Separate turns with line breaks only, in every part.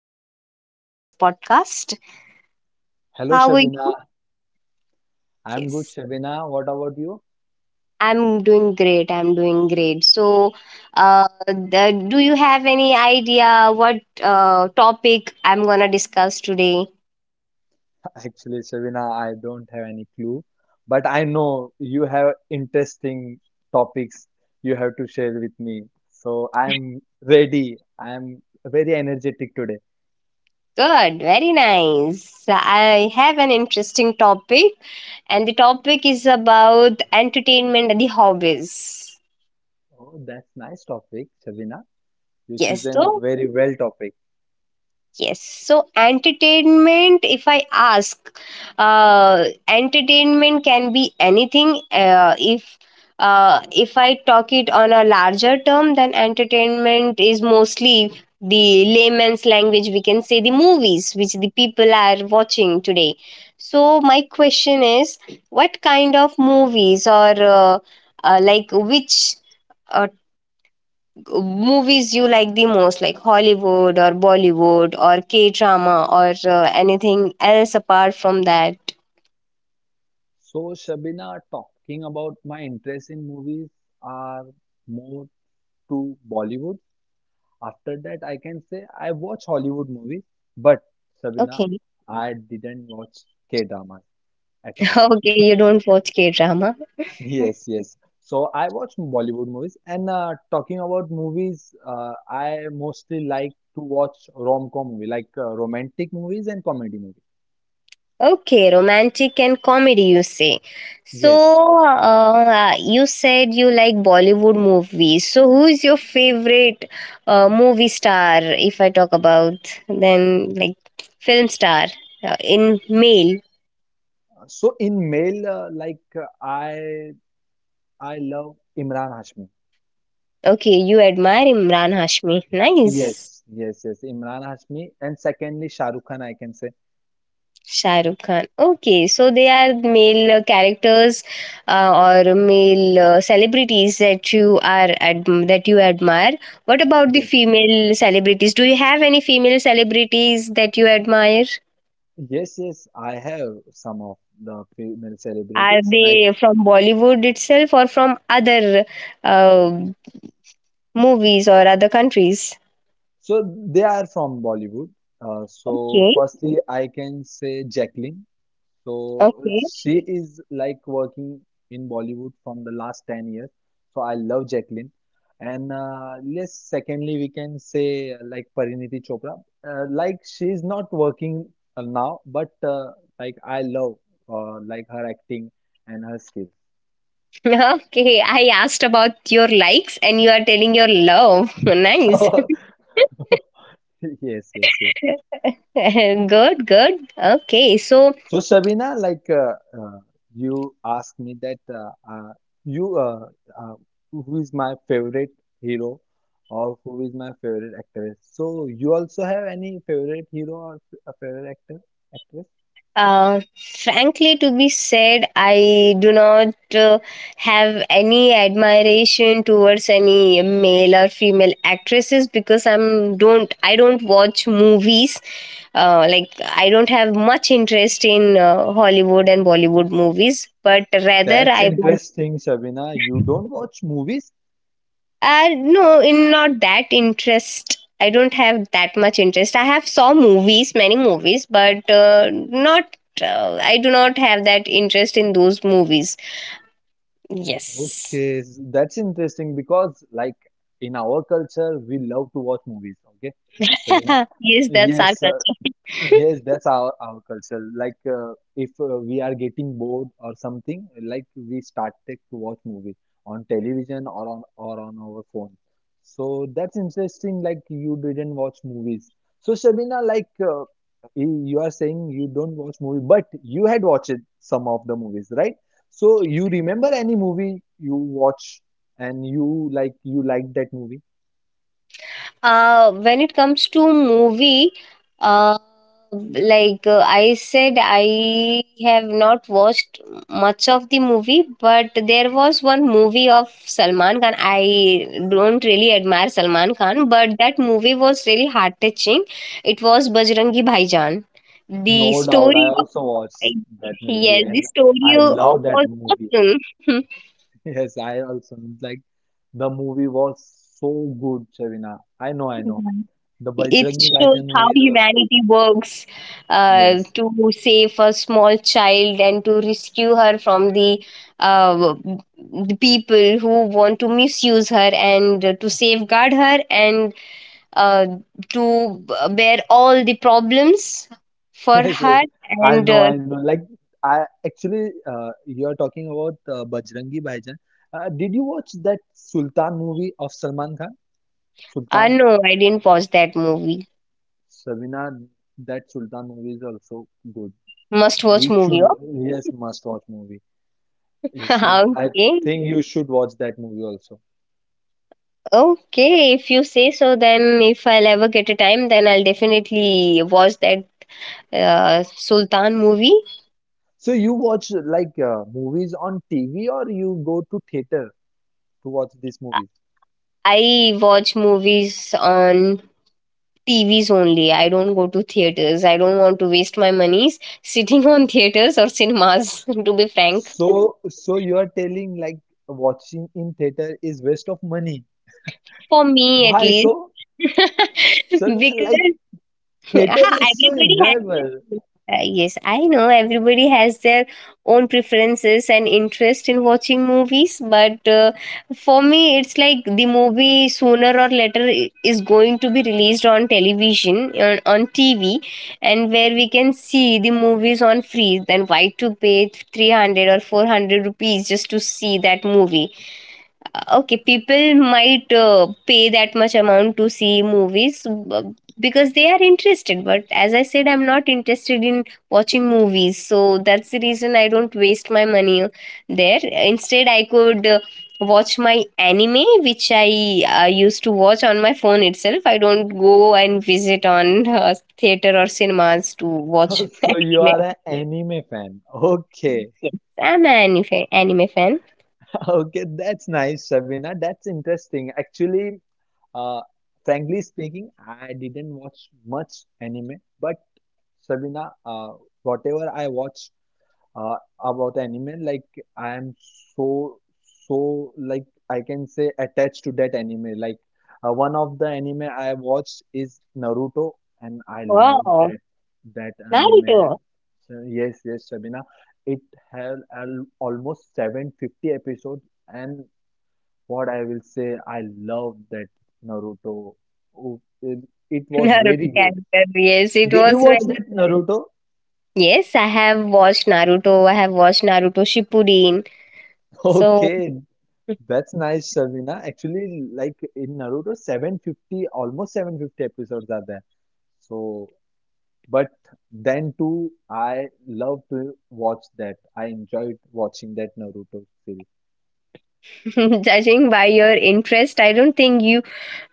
Welcome to Shabina's podcast.
Hello,
How are you?
Shabina. I'm good,
Yes,
Shabina. What about you?
I'm doing great. I'm doing great. So, do you have any idea what topic I'm gonna discuss today?
Actually, Shabina, I don't have any clue, but I know you have interesting topics you have to share with me. So I'm ready. I'm very energetic today.
Good, very nice. I have an interesting topic, and the topic is about entertainment and the hobbies.
Oh, that's nice topic, Shabina. You
Yes,
chosen a
so
very well topic.
Yes. So entertainment, if I ask, entertainment can be anything. If I talk it on a larger term, then entertainment is mostly the layman's language. We can say the movies which the people are watching today. So my question is, what kind of movies or like which uh, movies you like the most, like Hollywood or Bollywood or K drama or anything else apart from that.
So, Shabina, talking about my interest in movies are more to Bollywood. After that, I can say I watch Hollywood movies, but Sabina,
Okay.
I didn't watch K-dramas at all.
okay, you don't watch K drama.
Yes, yes. So I watch Bollywood movies, and talking about movies, I mostly like to watch rom-com movie, like romantic movies and comedy movies.
Okay, romantic and comedy, you say. So,
Yes.
you said you like Bollywood movies. So who is your favorite movie star, if I talk about, then like film star, in male?
So in male, like I love Imran Hashmi.
Okay, you admire Imran Hashmi. Nice.
Yes, yes, yes. Imran Hashmi, and secondly Shah Rukh Khan, I can say.
Shah Rukh Khan. Okay, so they are male characters or male celebrities that you that you admire. What about the
Yes.
female celebrities? Do you have any female celebrities that you admire?
Yes, yes, I have some of the female
Are
celebrities. Like,
they from Bollywood itself or from other uh, movies or other countries?
so they are from Bollywood. So,
Okay.
firstly, I can say Jacqueline. So,
Okay.
she is like working in Bollywood from the last 10 years. So, I love Jacqueline. And yes, secondly, we can say like Pariniti Chopra. Like, she is not working now, but like, I love like her acting and her skills.
Okay. I asked about your likes and you are telling your love. nice.
Yes, yes, yes.
good, good. Okay. So,
So Sabina, like uh, you asked me that you uh, who is my favorite hero or who is my favorite actress. So you also have any favorite hero or a favorite actor actress?
Uh, frankly, to be said, I do not have any admiration towards any male or female actresses because I don't watch movies. Like, I don't have much interest in Hollywood and Bollywood movies, but rather
That's
I watch
interesting, Sabina. You don't watch movies?
No, in not that interest. I don't have that much interest. I have saw movies, many movies, but not. I do not have that interest in those movies. Yes.
Okay, that's interesting because like in our culture we love to watch movies. Okay, Sabina.
yes, that's our
Yes,
culture.
yes, that's our culture. Like, if we are getting bored or something, like we started to watch movie on television or on our phone. So that's interesting. Like you didn't watch movies. So Shabina, like you are saying you don't watch movie, but you had watched some of the movies, right? So you remember any movie you watch and you liked that movie?
When it comes to movie, uh, like I said, I have not watched much of the movie, but there was one movie of Salman Khan. I don't really admire Salman Khan, but that movie was really heart touching. It was Bajrangi Bhaijaan. The
No doubt, I
story of
also watched that movie
Yes, the
and
story
I
of-
love that
was
movie.
awesome.
Yes, I also know. Like the movie was so good, Shavina. I know, I know. The
It
Bajrangi
shows
Bhaijaan
how
movie was good.
humanity works
Yes,
to save a small child and to rescue her from uh, the people who want to misuse her and to safeguard her and uh, to bear all the problems for
yes, yes.
her.
I
And
know,
uh,
I know. Like, I actually, you are talking about Bajrangi Bhaijaan. Did you watch that Sultan movie of Salman Khan?
uh,
Sultan,
no, I didn't watch that movie.
Shavina, that Sultan movie is also good.
Must watch
You
movie.
should, yes, must watch movie. You should.
Oh?
I
okay.
think you should watch that movie also.
Okay, if you say so, then if I'll ever get a time, then I'll definitely watch that Sultan movie.
So you watch like movies on TV or you go to theater to watch these movies?
I watch movies on TVs only. I don't go to theaters. I don't want to waste my monies sitting on theaters or cinemas, to be frank.
So so you are telling like watching in theater is waste of money.
For me, at
Why
least.
so? So
because,
like theater
Ah,
is so enjoyable.
yes, I know everybody has their own preferences and interest in watching movies, but for me, it's like the movie sooner or later is going to be released on television on TV, and where we can see the movies on free. Then why to pay 300 or 400 rupees just to see that movie? Okay, people might pay that much amount to see movies b- because they are interested. But as I said, I'm not interested in watching movies, so that's the reason I don't waste my money there. Instead, I could. Watch my anime which I used to watch on my phone itself. I don't go and visit on theater or cinemas to watch
So you
anime.
are an anime fan. Okay.
Yes, I'm an anime fan, anime fan.
Okay, that's nice, Shabina. That's interesting. Actually, uh, frankly speaking, I didn't watch much anime, but Shabina, whatever I watch uh, about anime, like I am so, so like I can say attached to that anime. Like one of the anime I watched is Naruto, and I love
Wow.
that that
Naruto.
anime. So, yes, yes, Sabina, it had almost 750 episodes, and what I will say, I love that Naruto. Oh, it was
Naruto
very good.
character. Yes, it
Did you
was very.
watch that Naruto?
Yes, I have watched Naruto. I have watched Naruto Shippuden. So,
Okay. That's nice, Shavina. Actually, like in Naruto, 750, almost 750 episodes are there. So, but then too, I love to watch that. I enjoyed watching that Naruto series.
judging by your interest, I don't think you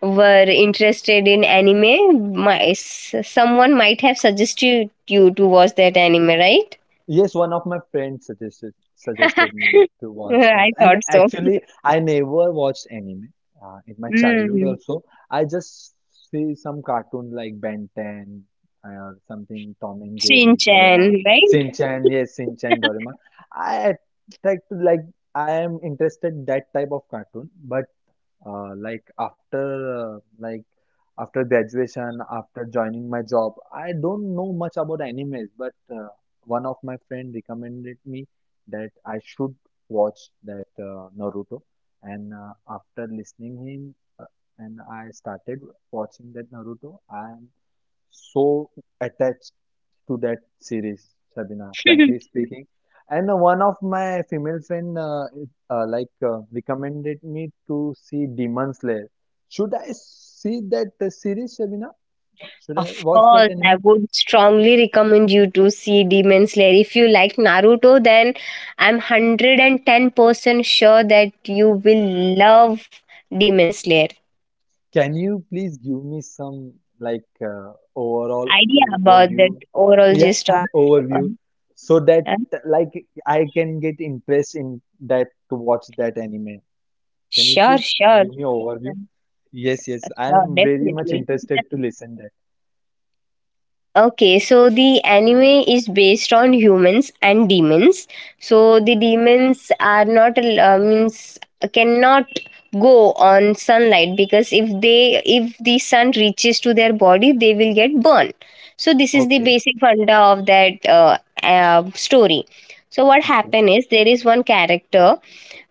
were interested in anime. Someone might have suggested you to watch that anime, right?
Yes, one of my friends suggested me to watch that.
I thought so.
I never watched anime in my childhood
Mm.
also. I just see some cartoon like Ben 10 or something, Tom and Jerry,
Shin-chan,
Doraemon,
right?
Shin Chan. Yes, Shin Chan, Doraemon. I like I am interested that type of cartoon, but after uh, like after graduation, after joining my job, I don't know much about animes, but one of my friend recommended me that I should watch that Naruto, and after listening him, and I started watching that Naruto. I am so attached to that series, Shabina, frankly speaking. And one of my female friend recommended me to see Demon Slayer. Should I see that series, Shabina? Should I
Of
watch that
course, I
anime?
would strongly recommend you to see Demon Slayer. If you like Naruto, then I'm 110% sure that you will love Demon Slayer.
Can you please give me some like overall
Idea
overview?
about that overall
Yeah,
gist
yes, yeah,
of.
overview.
Um,
So that
huh?
like I can get interest in that to watch that anime. Can you
Sure,
please
sure.
give me overview?
Uh,
Yes, yes. I
Sure,
am very much
definitely.
interested to listen that.
Okay, so the anime is based on humans and demons. So the demons are not means cannot go on sunlight because if the sun reaches to their body, they will get burned. So this is the
Okay,
basic funda of that story. So what
okay,
happened is there is one character.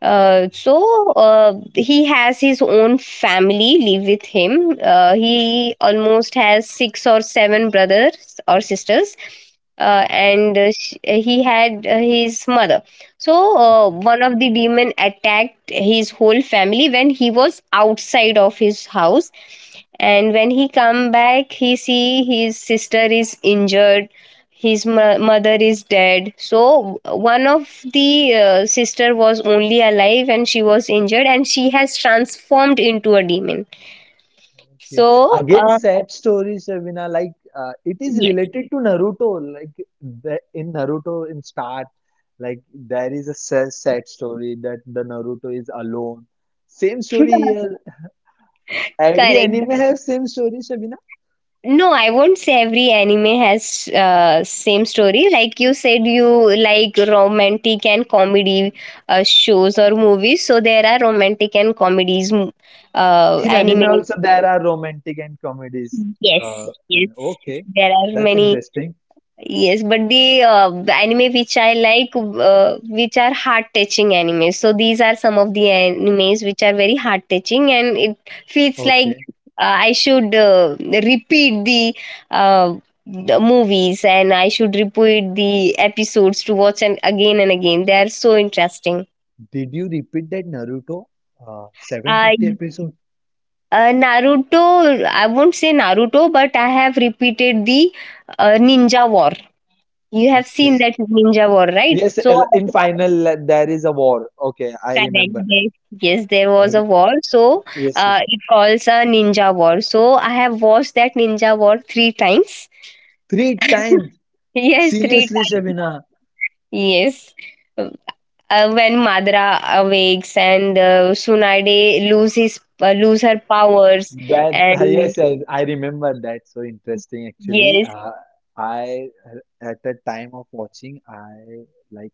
So he has his own family live with him. He almost has six or seven brothers or sisters,
okay,
and he had his mother. So
okay,
one of the demon attacked his whole family when he was outside of his house, and when he come back, he see his sister is injured, his mother is dead. So one of the sister was only alive, and she was injured, and she has transformed into a demon.
okay.
So
Again, sad stories, Shavina. Like it is
yes.
related to Naruto. Like the, in Naruto, in start, like there is a sad, sad story that the Naruto is alone. Same story here. Every
correct.
anime has same story, Shavina.
No, I won't say every anime has same story. Like you said, you like romantic and comedy shows or movies. So there are romantic and comedies,
In anime
anime.
also there are romantic and comedies.
Yes,
And
yes,
okay,
there are
that's
many.
interesting.
Yes, but the anime which I like, which are heart touching animes. So these are some of the animes which are very heart touching, and it feels like
Okay.
I should repeat uh, the movies, and I should repeat the episodes to watch and again and again. They are so interesting.
Did you repeat that Naruto?
I
750 episode?
Naruto. I won't say Naruto, but I have repeated the Ninja War. You have seen
Okay.
that Ninja War, right?
Yes, in final there is a war. Okay, I
Correct.
remember that.
Yes, yes, there was a
Okay.
war. So
Yes, yes.
it calls a ninja war. So I have watched that ninja war three times.
Three times.
Yes, three
Seriously,
times.
Shabina.
Yes. When Madra awakes and Sunade lose her powers,
That
and
yes, yes, I remember that. So interesting, actually.
yes.
I at the time of watching, I like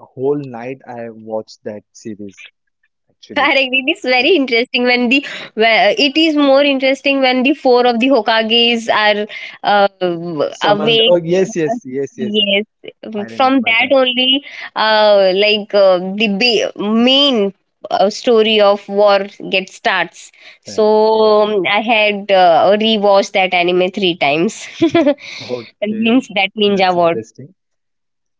a whole night I watched that series actually.
Correct. It is very
So,
interesting when the where it is more interesting when the four of the Hokages are
summoned.
awake.
Oh yes, yes, yes, yes.
Yes,
I
from
remember
that
that.
only, like the main story of war gets starts.
That yes.
So I had rewatched that anime three times. That
Okay,
means that Ninja
that's
War.
interesting.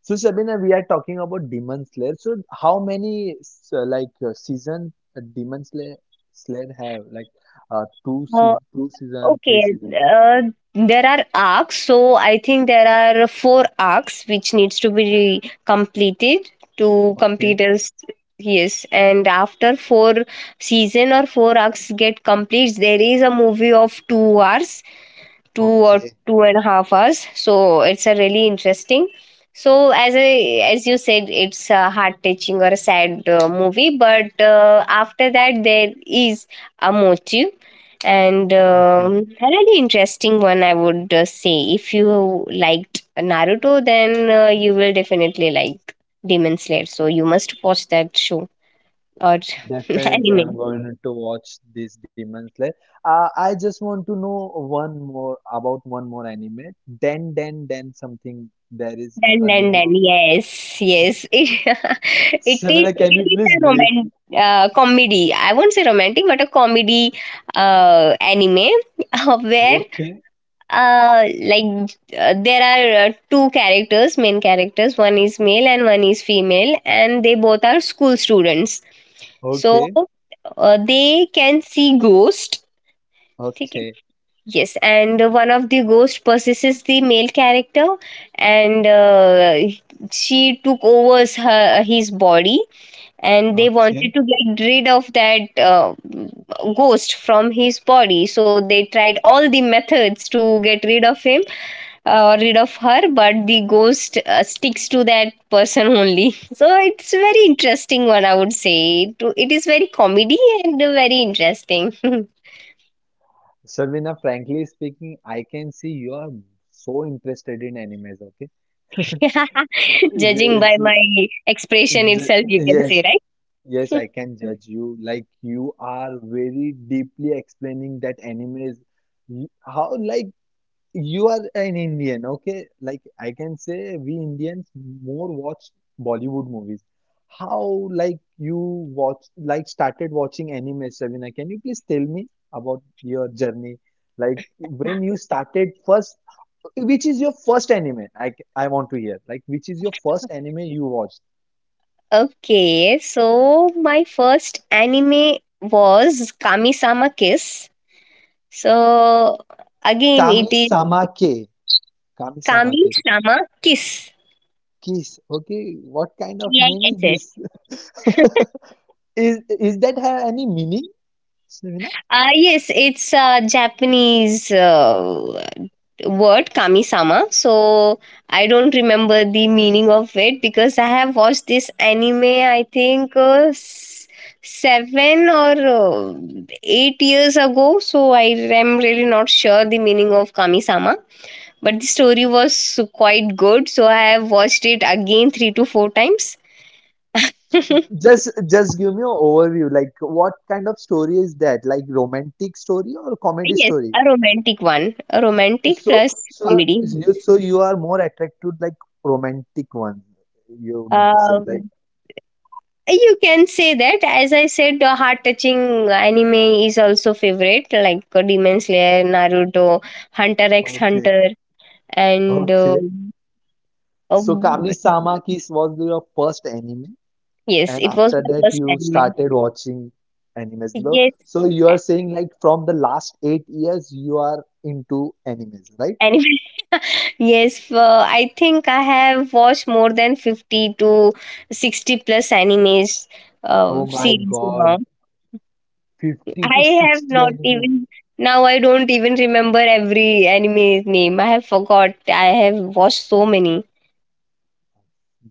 So, Shabina, we are talking about Demon Slayer. So, how many season Demon Slayer have? Like two season, three
Okay,
season.
there are arcs, so I think there are four arcs which needs to be completed to complete
Okay,
us. Yes, and after four season or four arcs get complete, there is a movie of 2 hours, two or
okay,
two and a half hours. So it's a really interesting. So, as you said, it's a heart touching or a sad movie, but after that there is a motive, and
okay.
a really interesting one. I would say, if you liked Naruto, then you will definitely like Demon Slayer. So you must watch that show or anime.
Definitely, I'm going to watch this Demon Slayer. I just want to know one more about one more anime. Den Den Den something. There is
then
a
then
name
then
of.
yes, yes,
Shabina, can
it
you
is
please
a
brief?
romantic comedy. I won't say romantic, but a comedy anime, where
Okay,
Like, there are two characters, main characters. One is male and one is female, and they both are school students. So
okay,
they can see ghost. ठीक है?
okay.
Yes, and one of the ghost possesses the male character, and she took over his body, and they
Okay.
wanted to get rid of that ghost from his body. So they tried all the methods to get rid of her, but the ghost sticks to that person only. So it's very interesting one, I would say. It is very comedy and very interesting.
Sarvina, frankly speaking, I can see you are so interested in animes, okay?
Judging by
Yes,
my expression itself, you can
yes,
say,
yes,
right?
I can judge you. Like you are very deeply explaining that anime is. How like you are an Indian, okay? Like I can say we Indians more watch Bollywood movies. How like you watch, like started watching anime, Savina? Can you please tell me about your journey? Like when you started first, which is your first anime? I want to hear. Like which is your first anime you watched?
Okay, so my first anime was Kami-sama Kiss. So again,
Kami
it is
Samake. Kami Samake.
Kami-sama Kiss.
Kiss. Okay, what kind of name is
Kiss.
this? Is that have any meaning, Savina?
Yes, it's a Japanese word, Kami-sama. So I don't remember the meaning of it because I have watched this anime, I think, seven or 8 years ago. So I am really not sure the meaning of Kami-sama. But the story was so quite good, so I have watched it again three to four times.
Just give me an overview. Like what kind of story is that? Like romantic story or comedy
Yes,
story?
a romantic one, a romantic
So
plus
so
comedy.
you so you are more attracted to like romantic one. You mean to say like
Um, you can say that. As I said, the heart-touching anime is also favorite, like Demon Slayer, Naruto, Hunter X
okay,
Hunter, and
okay.
uh,
So Kami-sama Kiss was your first anime,
yes,
and
it was
after
my
that
first
you
anime.
started watching animes. Lo-
Yes,
So you
a-
are saying like from the last 8 years you are into animes, right?
anime. Yes, I think I have watched more than 50 to 60 plus animes
Oh my
series now.
God, 50 to
I have
60
not
anime.
even, Now I don't even remember every anime name. I have forgot. I have watched so many.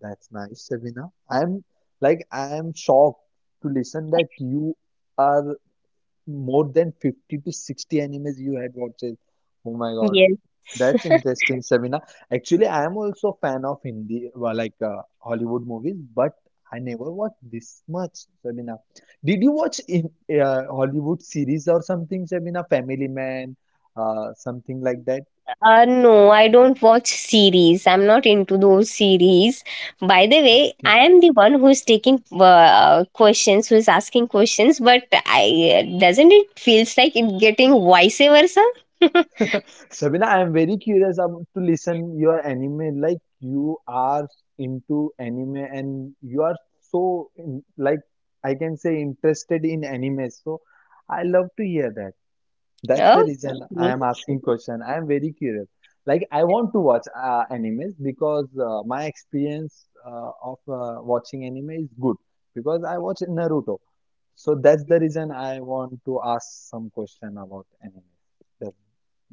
That's nice, Savina. I am shocked to listen that you are more than 50 to 60 animes you had watched. Oh my God.
Yes.
That's interesting, Savina. Actually, I am also a fan of Hindi, well, like Hollywood movies, but I never watched this much, Sabina. Did you watch in Hollywood series or something, Sabina? Family Man, something like that?
No, I don't watch series. I'm not into those series. By the way, I am the one who is taking questions, who is asking questions, but I doesn't it feels like it getting vice versa?
Sabina, I'm very curious about to listen your anime. Like you are into anime and you are so in, like I can say interested in anime. So I love to hear that. That's
Okay.
the reason I am asking question. I am very curious. Like I want to watch animes because my experience of watching anime is good because I watch Naruto. So that's the reason I want to ask some question about anime. That,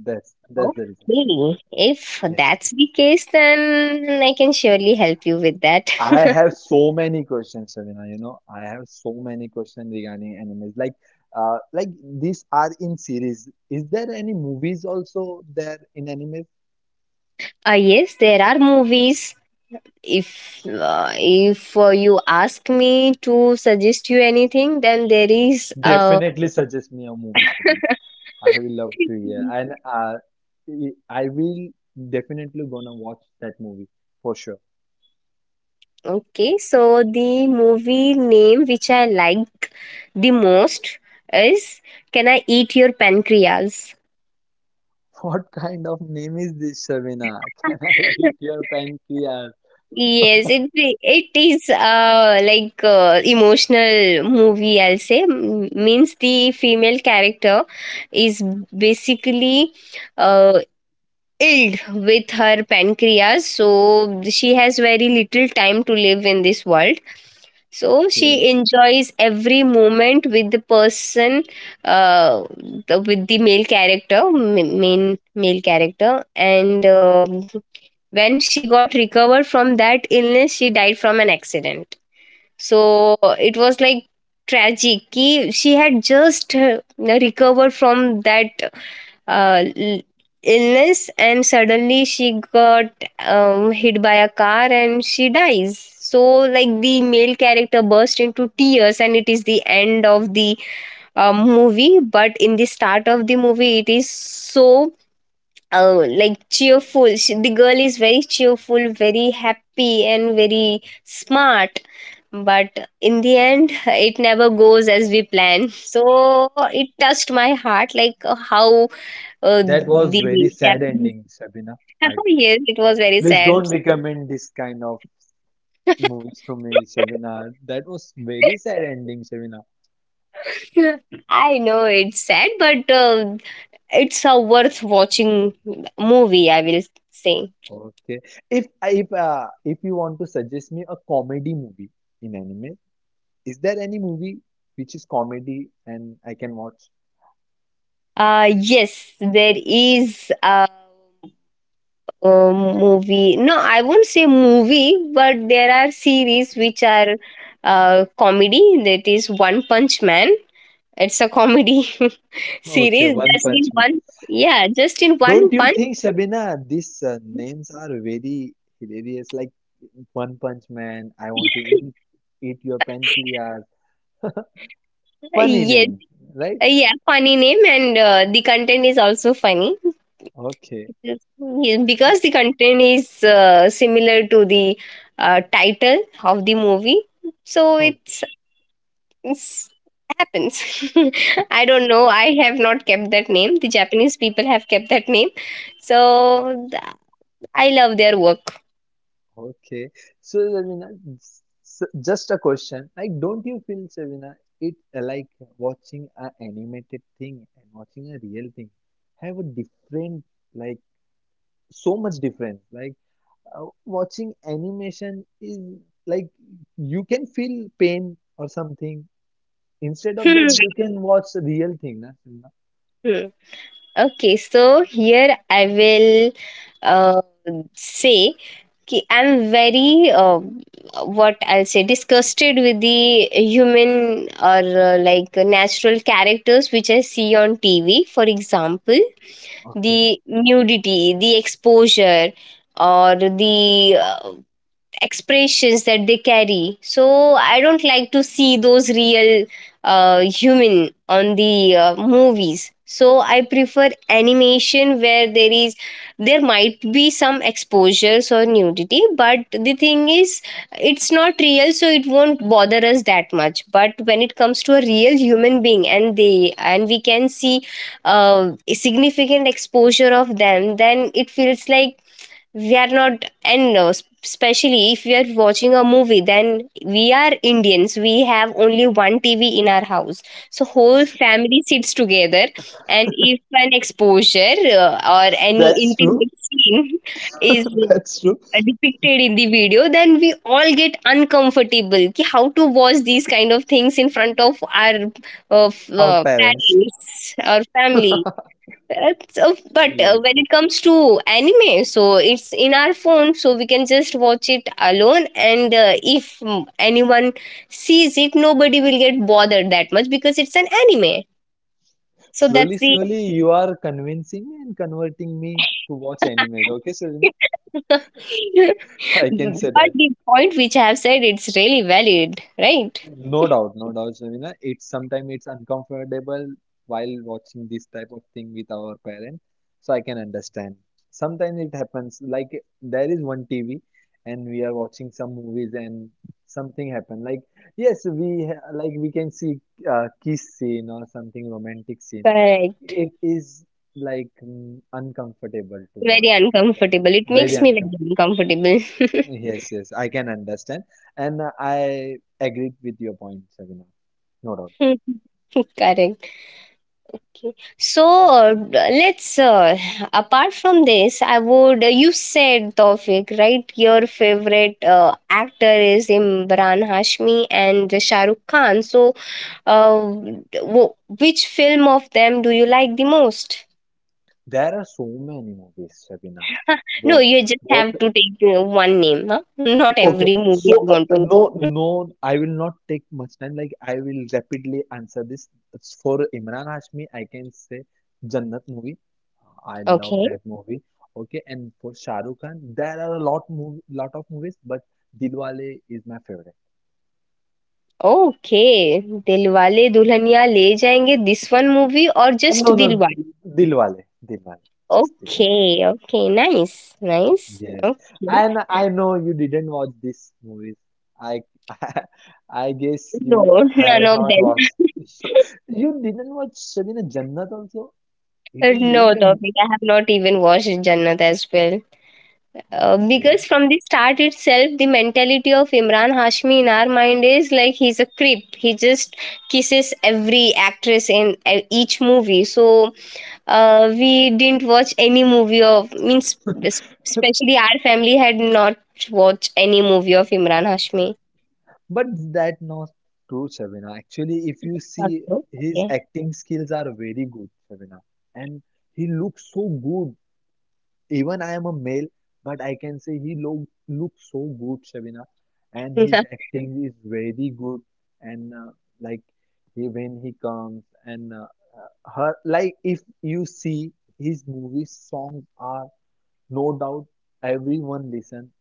that's the reason.
Okay. If
Yes.
that's the case, then I can surely help you with that.
I have so many questions, Savina. You know, I have so many questions regarding animes. Like, uh, like these are in series. Is there any movies also there in anime?
Yes, there are movies. If you ask me to suggest you anything, then there is
Definitely suggest me a movie, Shabina. I will love to hear, and I will definitely gonna watch that movie for sure.
okay. So the movie name which I like the most is "Can I Eat Your Pancreas?"
What kind of name is this, Shabina? Can I eat your pancreas?
Yes, it is like emotional movie, I'll say. Means the female character is basically uh ill with her pancreas, so she has very little time to live in this world, so
Okay,
she enjoys every moment with the person, uh, with the male character, main male character. And when she got recovered from that illness, she died from an accident. So it was like tragic कि she had just recovered from that uh, l- illness and suddenly she got hit by a car and she dies. So like the male character burst into tears, and it is the end of the movie. But in the start of the movie it is so like cheerful, she, the girl is very cheerful, very happy and very smart, but in the end it never goes as we plan. So it touched my heart like how
that was
the
very sad
Japanese.
ending, Shabina. I
Yes, it was very
please
sad.
don't recommend this kind of movies to me, Shabina. That was very sad ending, Shabina.
I know it's sad, but it's a worth watching movie, I will say.
Okay, if you want to suggest me a comedy movie in anime. Is there any movie which is comedy and I can watch?
Yes, there is a movie. No, I won't say movie, but there are series which are comedy. That is One Punch Man. It's a comedy
Okay,
series.
One Punch Man.
Yeah, just in one
Don't you
punch.
think, Shabina, these names are very hilarious? Like One Punch Man, I want to eat your pancreas. Funny
Yes.
name, right?
Yeah, funny name, and the content is also funny
Okay,
because yeah, because the content is similar to the title of the movie. So
okay,
it's happens. I don't know. I have not kept that name. The Japanese people have kept that name. So I love their work.
okay. So, Shabina, just a question. Like, don't you feel, Shabina, it like watching a animated thing and watching a real thing have a different, like, so much difference. Like, watching animation is like you can feel pain or something. Instead of that,
Hmm.
you can watch the real thing. Na, Simba?
Hmm. Okay, so here I will uh, say, Ki I'm very, what I'll say, disgusted with the human or like natural characters which I see on TV. For example,
Okay,
the nudity, the exposure, or the expressions that they carry. So I don't like to see those real human on the movies. So I prefer animation where there might be some exposures or nudity, but the thing is it's not real, so it won't bother us that much. But when it comes to a real human being, and they, and we can see a significant exposure of them, then it feels like we are not. And especially if we are watching a movie, then we are Indians, we have only one TV in our house, so whole family sits together, and if an exposure or any
that's true.
intimate scene is
That's true.
depicted in the video, then we all get uncomfortable, ki how to watch these kind of things in front of our
Our parents.
parents or family. that's uh, but
Yes, yes.
uh, when it comes to anime, so it's in our phone, so we can just watch it alone. And if anyone sees it, nobody will get bothered that much because it's an anime. So that's
Slowly,
the
slowly, you are convincing me and converting me to watch animes. Okay, Sarina?
But
I can
the
say that.
point which I have said, it's really valid, right?
No doubt, no doubt, Shamina. It's sometimes it's uncomfortable while watching this type of thing with our parents, so I can understand. Sometimes it happens like there is one TV and we are watching some movies and something happened. Like yes, like we can see kiss scene or something romantic scene.
Correct.
It is like uncomfortable to
Very
watch in front,
uncomfortable. It
very
makes me very
uncomfortable.
uncomfortable.
Yes, yes, I can understand. And I agreed with your point, Sabina. No doubt.
Correct. So, uh, let's, uh, apart from this, you said Tawfiq, right? Your favorite actor is Imran Hashmi and Shah Rukh Khan. So, uh, w- which film of them do you like the most?
There are so many movies, Sabina.
No,
Both,
you just
both.
have to take one name. Huh? Not
Okay,
every movie I
so
want to
no,
know.
no, I will not take much time. Like, I will rapidly answer this. It's for Imran Hashmi, I can say Jannat movie. I love
Okay.
that movie. Okay, and for Shah Rukh Khan, there are lot of movies, but Dilwale is my favorite.
Okay. Dilwale Dulhania Le Jayenge, this one movie, or just
No, no,
Dilwale?
Dilwale, just Dilwale.
Okay, okay, nice, nice.
Yes,
Okay.
and I know you didn't watch this movies. I, I, guess
No,
you
none
have
of
not
them.
watched. You didn't watch Shabina Jannat also. It is very
No,
fam-
topic. I have not even watched Jannat as well. Because from the start itself, the mentality of Imran Hashmi in our mind is like he's a creep. He just kisses every actress in each movie. So we didn't watch any movie of, means,
Okay,
especially our family had not watched any movie of Imran Hashmi.
but that not true, Shabina. Actually, if you see
Okay.
his
Okay.
acting skills are very good, Shabina, and he looks so good. Even I am a male, but I can say he look looks so good, Shabina, and his acting is very good. And like he when he comes and her like if you see his movie songs are no doubt everyone listen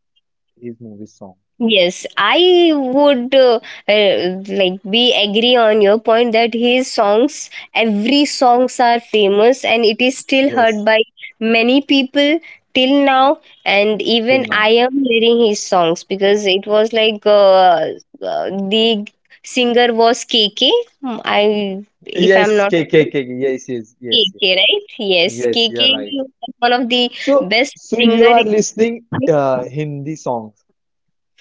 his movie song.
Yes, I would like be agree on your point that his songs, every songs are famous, and it is still heard
Yes,
by many people till now. And even
till
I
now.
am hearing his songs because it was like the singer was KK. Hmm, I if I'm
Yes,
not wrong,
KKK. Yes, yes,
K.
yes, yes.
K, right? Yes,
Yes,
K
you're
K
right.
was one of the
So,
best
so you
singer.
are listening Hindi songs.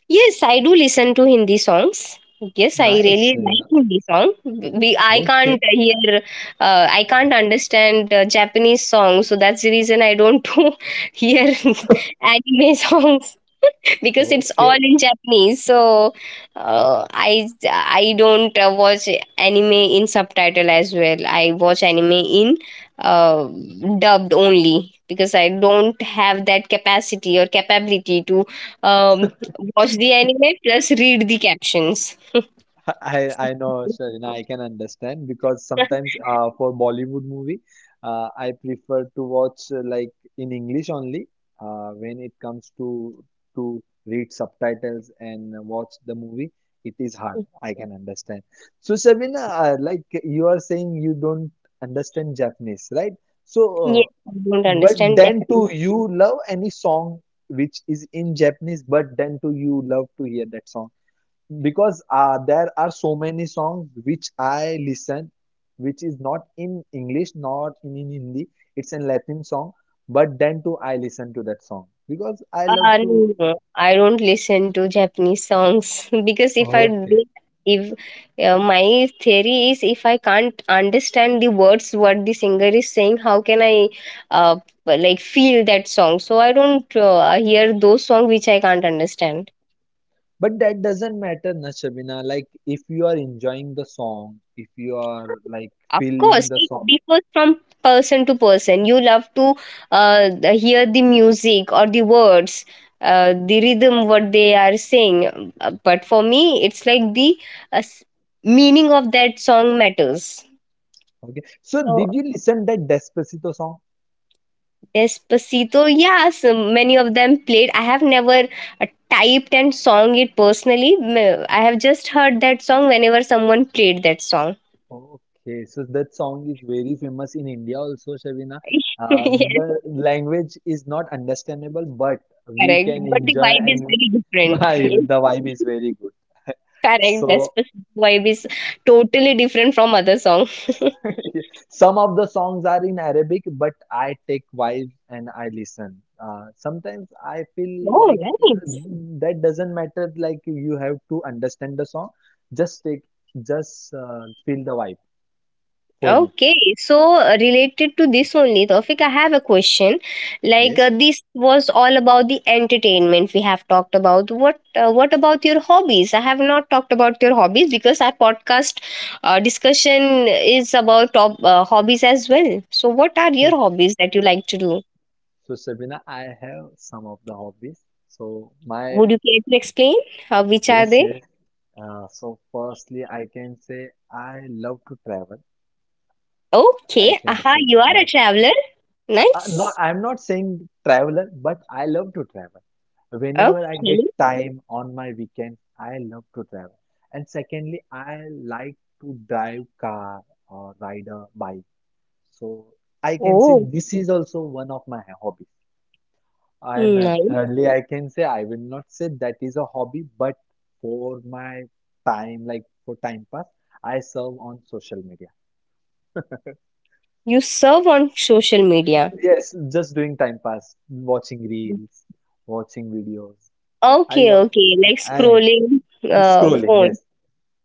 Yes, I do listen to Hindi songs. Yes, I
Nice.
really like
Serena.
Hindi song. We, I can't
Okay.
hear, I can't understand Japanese songs, so that's the reason I don't do hear anime songs because it's all
Okay,
in Japanese. So I don't watch anime in subtitle as well. I watch anime in uh, dubbed only because I don't have that capacity or capability to um, watch the anime plus read the captions.
I know, Sharina, I can understand because sometimes for Bollywood movie, I prefer to watch like in English only. When it comes to read subtitles and watch the movie, it is hard. I can understand. So, Sharina, like you are saying, you don't understand Japanese, right? So,
Yes, I don't
but
understand
then
Japanese.
too, you love any song which is in Japanese, but then too, you love to hear that song, because there are so many songs which I listen, which is not in English, not in, in Hindi. It's a Latin song, but then too I listen to that song because I love
No,
to.
no, no. I don't listen to Japanese songs because if I
Okay.
do, if my theory is, if I can't understand the words what the singer is saying, how can I uh, like feel that song? So I don't hear those songs which I can't understand.
But that doesn't matter, na Shabina. Like if you are enjoying the song, if you are like
Of course,
feeling the
it
song.
differs from person to person. You love to hear the music or the words, the rhythm, what they are saying. But for me, it's like the uh, s- meaning of that song matters.
Okay. So
So,
did you listen that Despacito song?
Despacito, yes, many of them played. I have never uh, typed and sung it personally. I have just heard that song whenever someone played that song.
Okay, so that song is very famous in India also, Shabina. Uh,
Yes,
the language is not understandable, but we
correct.
can
But the
enjoy
vibe is
and
very different.
vibe. The vibe is very good.
Correct. The
So
specific vibe is totally different from other song.
some of the songs are in Arabic, but I take vibe and I listen. Sometimes I feel
Oh,
like
nice.
that doesn't matter. Like you have to understand the song. Just take, just feel the vibe for me.
Okay, so related to this only, Tawfiq, I have a question. Like
Yes.
this was all about the entertainment we have talked about. What about your hobbies? I have not talked about your hobbies because our podcast discussion is about top hobbies as well. So, what are your hobbies that you like to do?
So Sabina, I have some of the hobbies. So my
Would you care to explain which are
yes,
they?
yes. So firstly, I can say I love to travel. I
Okay,
can
aha,
say
you are a
yes.
traveler.
Not,
Nice.
I'm not saying traveler, but I love to travel. Whenever I get
Okay.
time on my weekends, I love to travel. And secondly, I like to drive car or ride a bike. So I can say
Oh,
this is also one of my hobbies. And
nice.
thirdly, I can say I will not say that is a hobby, but for my time, like for time pass, I serve on social media.
You serve on social media.
Yes, just doing time pass, watching reels, watching videos. I
Okay,
love,
okay. Like
I
scrolling
scrolling.
phone.
Yes,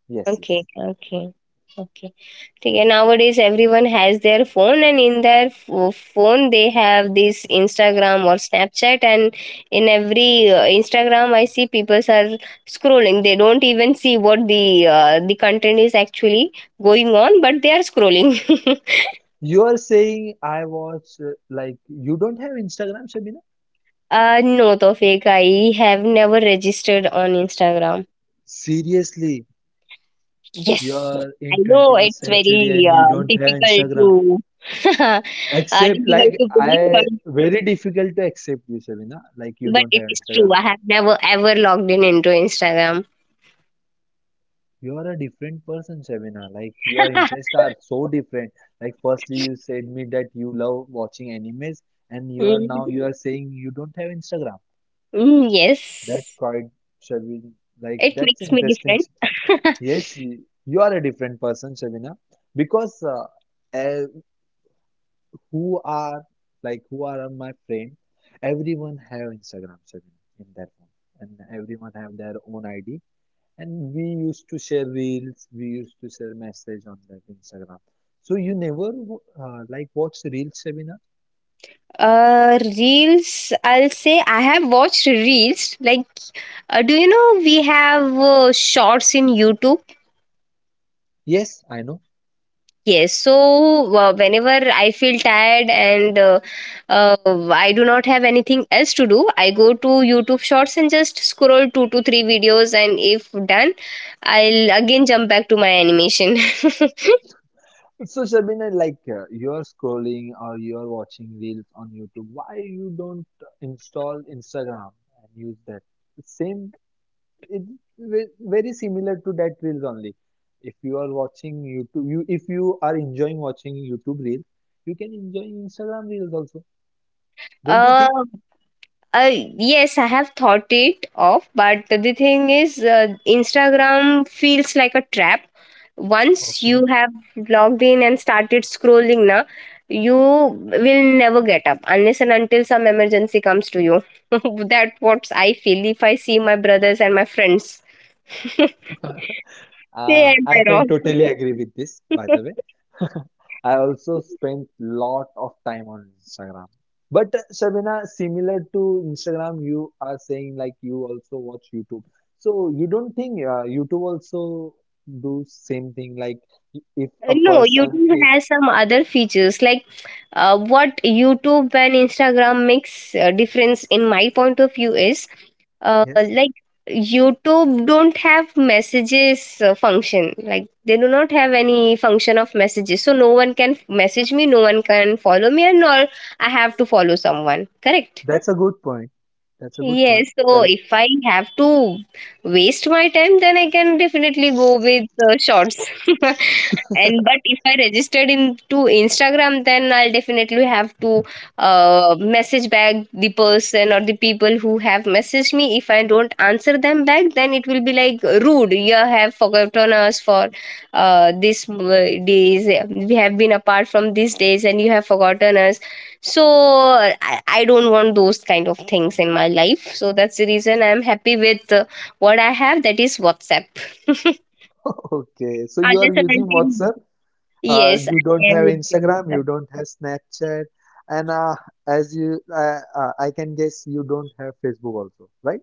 yes,
Okay,
yes.
okay. Okay. Okay. Nowadays everyone has their phone, and in their phone they have this Instagram or Snapchat, and in every Instagram I see people are scrolling. They don't even see what the content is actually going on, but they are scrolling.
You are saying I watch like you don't have Instagram, Shabina?
No, Tofik, I have never registered on Instagram.
Seriously, you
Yes,
are
I
in
know
21st
it's
century
very
and you don't have
difficult
Instagram.
to uh,
Except
difficult
like
to believe, but
I very difficult to accept you, Shabina. Like you don't
it
have
is true.
Instagram.
I have never ever logged in into Instagram.
You are a different person, Shabina. Like your interests are so different. Like firstly you said me that you love watching animes and
Mhm.
you are saying you don't have Instagram.
Mm, yes,
That quite Shabina like
it
that's
makes me
interesting.
different.
Yes, you are a different person, Shabina. Because uh, who are like who are my friend, everyone have Instagram Sabina, in their phone, and everyone have their own ID, and we used to share reels, we used to share message on that Instagram. So you never like watch reels Sabina?
Reels, I'll say I have watched reels. Like, do you know we have shorts in YouTube?
Yes I know.
Yes, so whenever I feel tired and uh, I do not have anything else to do, I go to YouTube Shorts and just scroll two to three videos, and if done, I'll again jump back to my animation.
So Sabina like you are scrolling or you are watching reels on YouTube, why you don't install Instagram and use that same? It's very similar to that reels only. If you are watching YouTube, you if you are enjoying watching YouTube reels, you can enjoy Instagram reels also. Don't you
uh,
think?
Uh, yes, I have thought it of, but the thing is, Instagram feels like a trap. Once
Okay.
you have logged in and started scrolling, na, you will never get up unless and until some emergency comes to you. That's what I feel if I see my brothers and my friends. Say, am
I
I
can
wrong?
totally agree with this, by the way. I also spent lot of time on Instagram. But Shabina, similar to Instagram, you are saying like you also watch YouTube. So you don't think YouTube also do same thing? Like if a
No,
person
YouTube
is,
has some other features. Like, what YouTube and Instagram makes difference in my point of view is,
yes.
like YouTube don't have messages function. Like they do not have any function of messages. So no one can message me, no one can follow me, and nor I have to follow someone. Correct.
That's a good point. That's a good
Yes,
point.
so
Correct.
if I have to waste my time, then I can definitely go with shorts. And but if I registered into Instagram, then I'll definitely have to message back the person or the people who have messaged me. If I don't answer them back, then it will be like rude. You have forgotten us for these days. We have been apart from these days, and you have forgotten us, so I don't want those kind of things in my life. So that's the reason I'm happy with what I have, that is WhatsApp. Unless
Okay. So
and
you are using
until,
WhatsApp.
yes,
You
I
don't
am
have
with
Instagram.
WhatsApp.
You don't have Snapchat. And as you, I can guess you don't have Facebook also, right?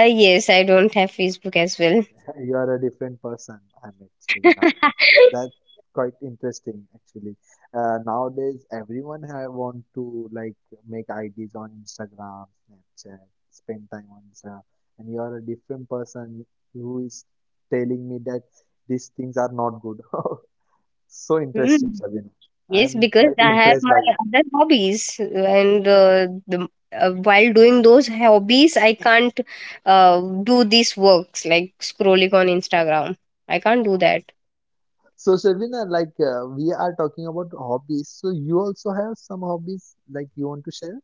Yes, I don't have Facebook as well.
You are a different person, Amit Suvina. That's quite interesting, actually. Nowadays, everyone have want to like make IDs on Instagram, Snapchat, spend time on Instagram, and you are a different person who is telling me that these things are not good. So interesting,
Hmm.
Shabina.
Yes,
I'm
because
quite
I have
impressed
my
by you.
other hobbies, and while doing those hobbies, I can't do these works like scrolling on Instagram. I can't do that.
So, Shabina, like we are talking about hobbies, so you also have some hobbies like you want to share?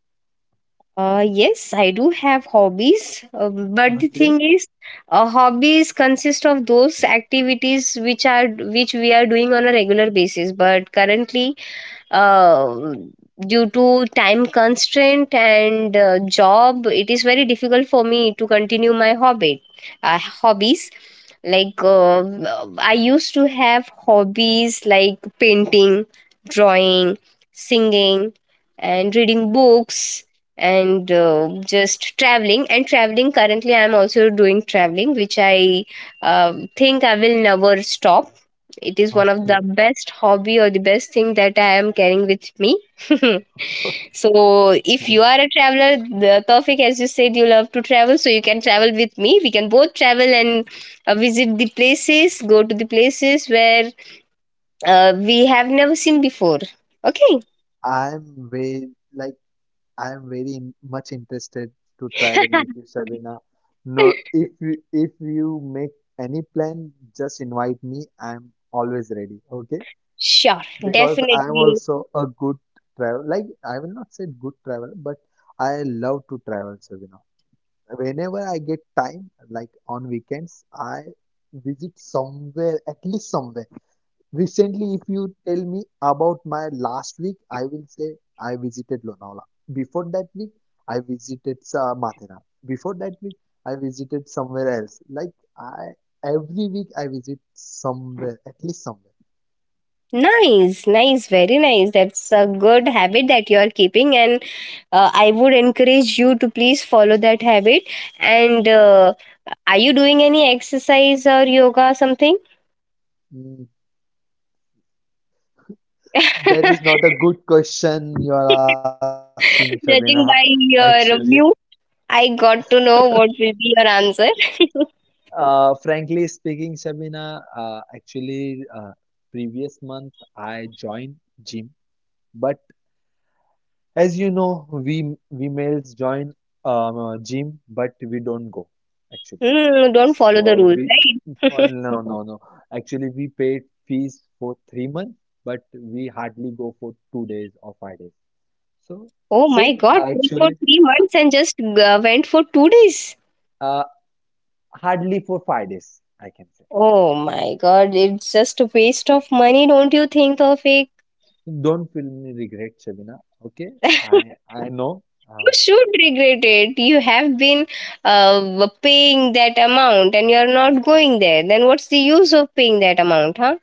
Yes, I do have hobbies, but the
Okay,
thing is, hobbies consist of those activities which we are doing on a regular basis. But currently, uh, due to time constraint and job, it is very difficult for me to continue my hobby hobbies like I used to have hobbies like painting, drawing, singing and reading books, and just traveling and traveling. Currently I am also doing traveling, which I think I will never stop. It is one of
okay.
the best hobby or the best thing that I am carrying with me. So if you are a traveler, the topic as you said you love to travel, so you can travel with me. We can both travel and visit the places, go to the places where we have never seen before. Okay.
I'm very like I'm very much interested to travel with you, Sabina. No, if you make any plan, just invite me. I'm always ready. Okay,
Sure,
because I'm
definitely.
also a good travel. Like I will not say good travel, but I love to travel, Sabina. Whenever I get time, like on weekends, I visit somewhere, at least somewhere. Recently, if you tell me about my last week, I will say I visited Lonavala. Before that week, I visited Mathera. Before that week, I visited somewhere else. Like I every week I visit somewhere, at least somewhere.
Nice, nice, very nice. That's a good habit that you are keeping, and I would encourage you to please follow that habit. And are you doing any exercise or yoga or something?
Mm, that is not a good question you are asking, Shabina.
Judging by
Actually,
your view, I got to know what will be your answer.
frankly speaking, Shabina, actually, previous month I joined gym, but as you know, we males join a gym, but we don't go actually.
Don't follow the
So
rules,
we well,
right?
no no no. Actually, we paid fees for 3 months, but we hardly go for 2 days or 5 days. So
Oh my
same
god, went for
actually,
three
uh,
months and just went for 2 days.
uh, hardly for 5 days, I can say.
Oh my god, it's just a waste of money, don't you think, Tawfiq?
Don't feel me regret, Shabina. Okay, I know.
You
Uh,
should regret it. You have been paying that amount and you're not going there. Then what's the use of paying that amount, huh?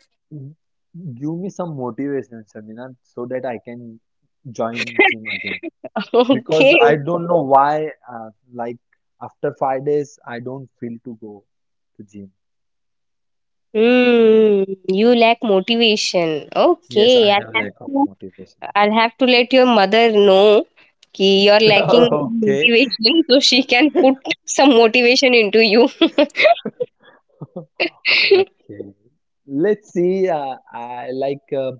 Give me some motivation, Shabina, so that I can join gym again, because
Okay.
I don't know why, like after 5 days, I don't feel to go to gym.
Hmm. You lack motivation.
Yes,
Okay.
I
I'll
have
have
lack of
to,
motivation.
I'll have to let your mother know कि you're lacking
Okay.
motivation so she can put some motivation into you.
Okay. Let's see. I like.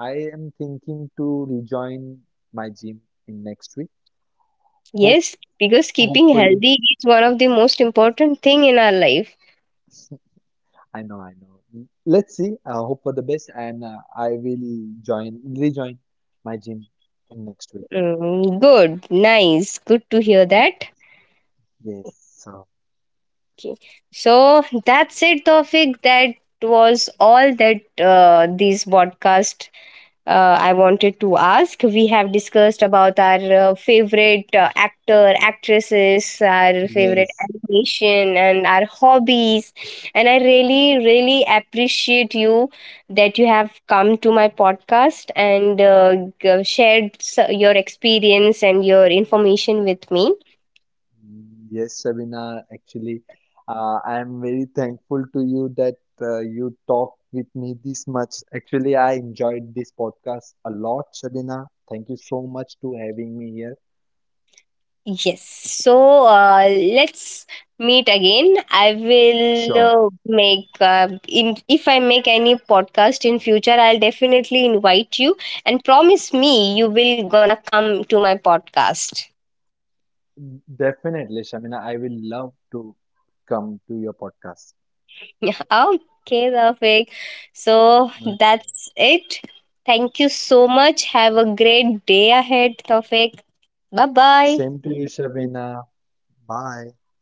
I am thinking to rejoin my gym in next week. Hope,
Yes, because keeping
hopefully.
healthy is one of the most important thing in our life.
I know. I know. Let's see. I hope for the best, and I will join rejoin my gym in next week.
Mm, good, nice, good to hear that.
Yes. So.
Okay, so that's it, Tofik. That was all that this podcast I wanted to ask. We have discussed about our favorite actor, actresses, our favorite
Yes.
animation, and our hobbies. And I really, really appreciate you that you have come to my podcast and shared your experience and your information with me.
Mm, yes, Sabina, actually, I am very thankful to you that you talked with me this much. Actually, I enjoyed this podcast a lot, Sabina. Thank you so much to having me here.
Yes. So let's meet again. I
Sure.
will make in if I make any podcast in future, I'll definitely invite you, and promise me you will gonna come to my podcast.
Definitely, Shabina. I will love to come to your podcast.
Okay, Rafik. So
Okay.
that's it. Thank you so much. Have a great day ahead, Tofik. Bye bye.
Same to you, Shabina. Bye. Bye.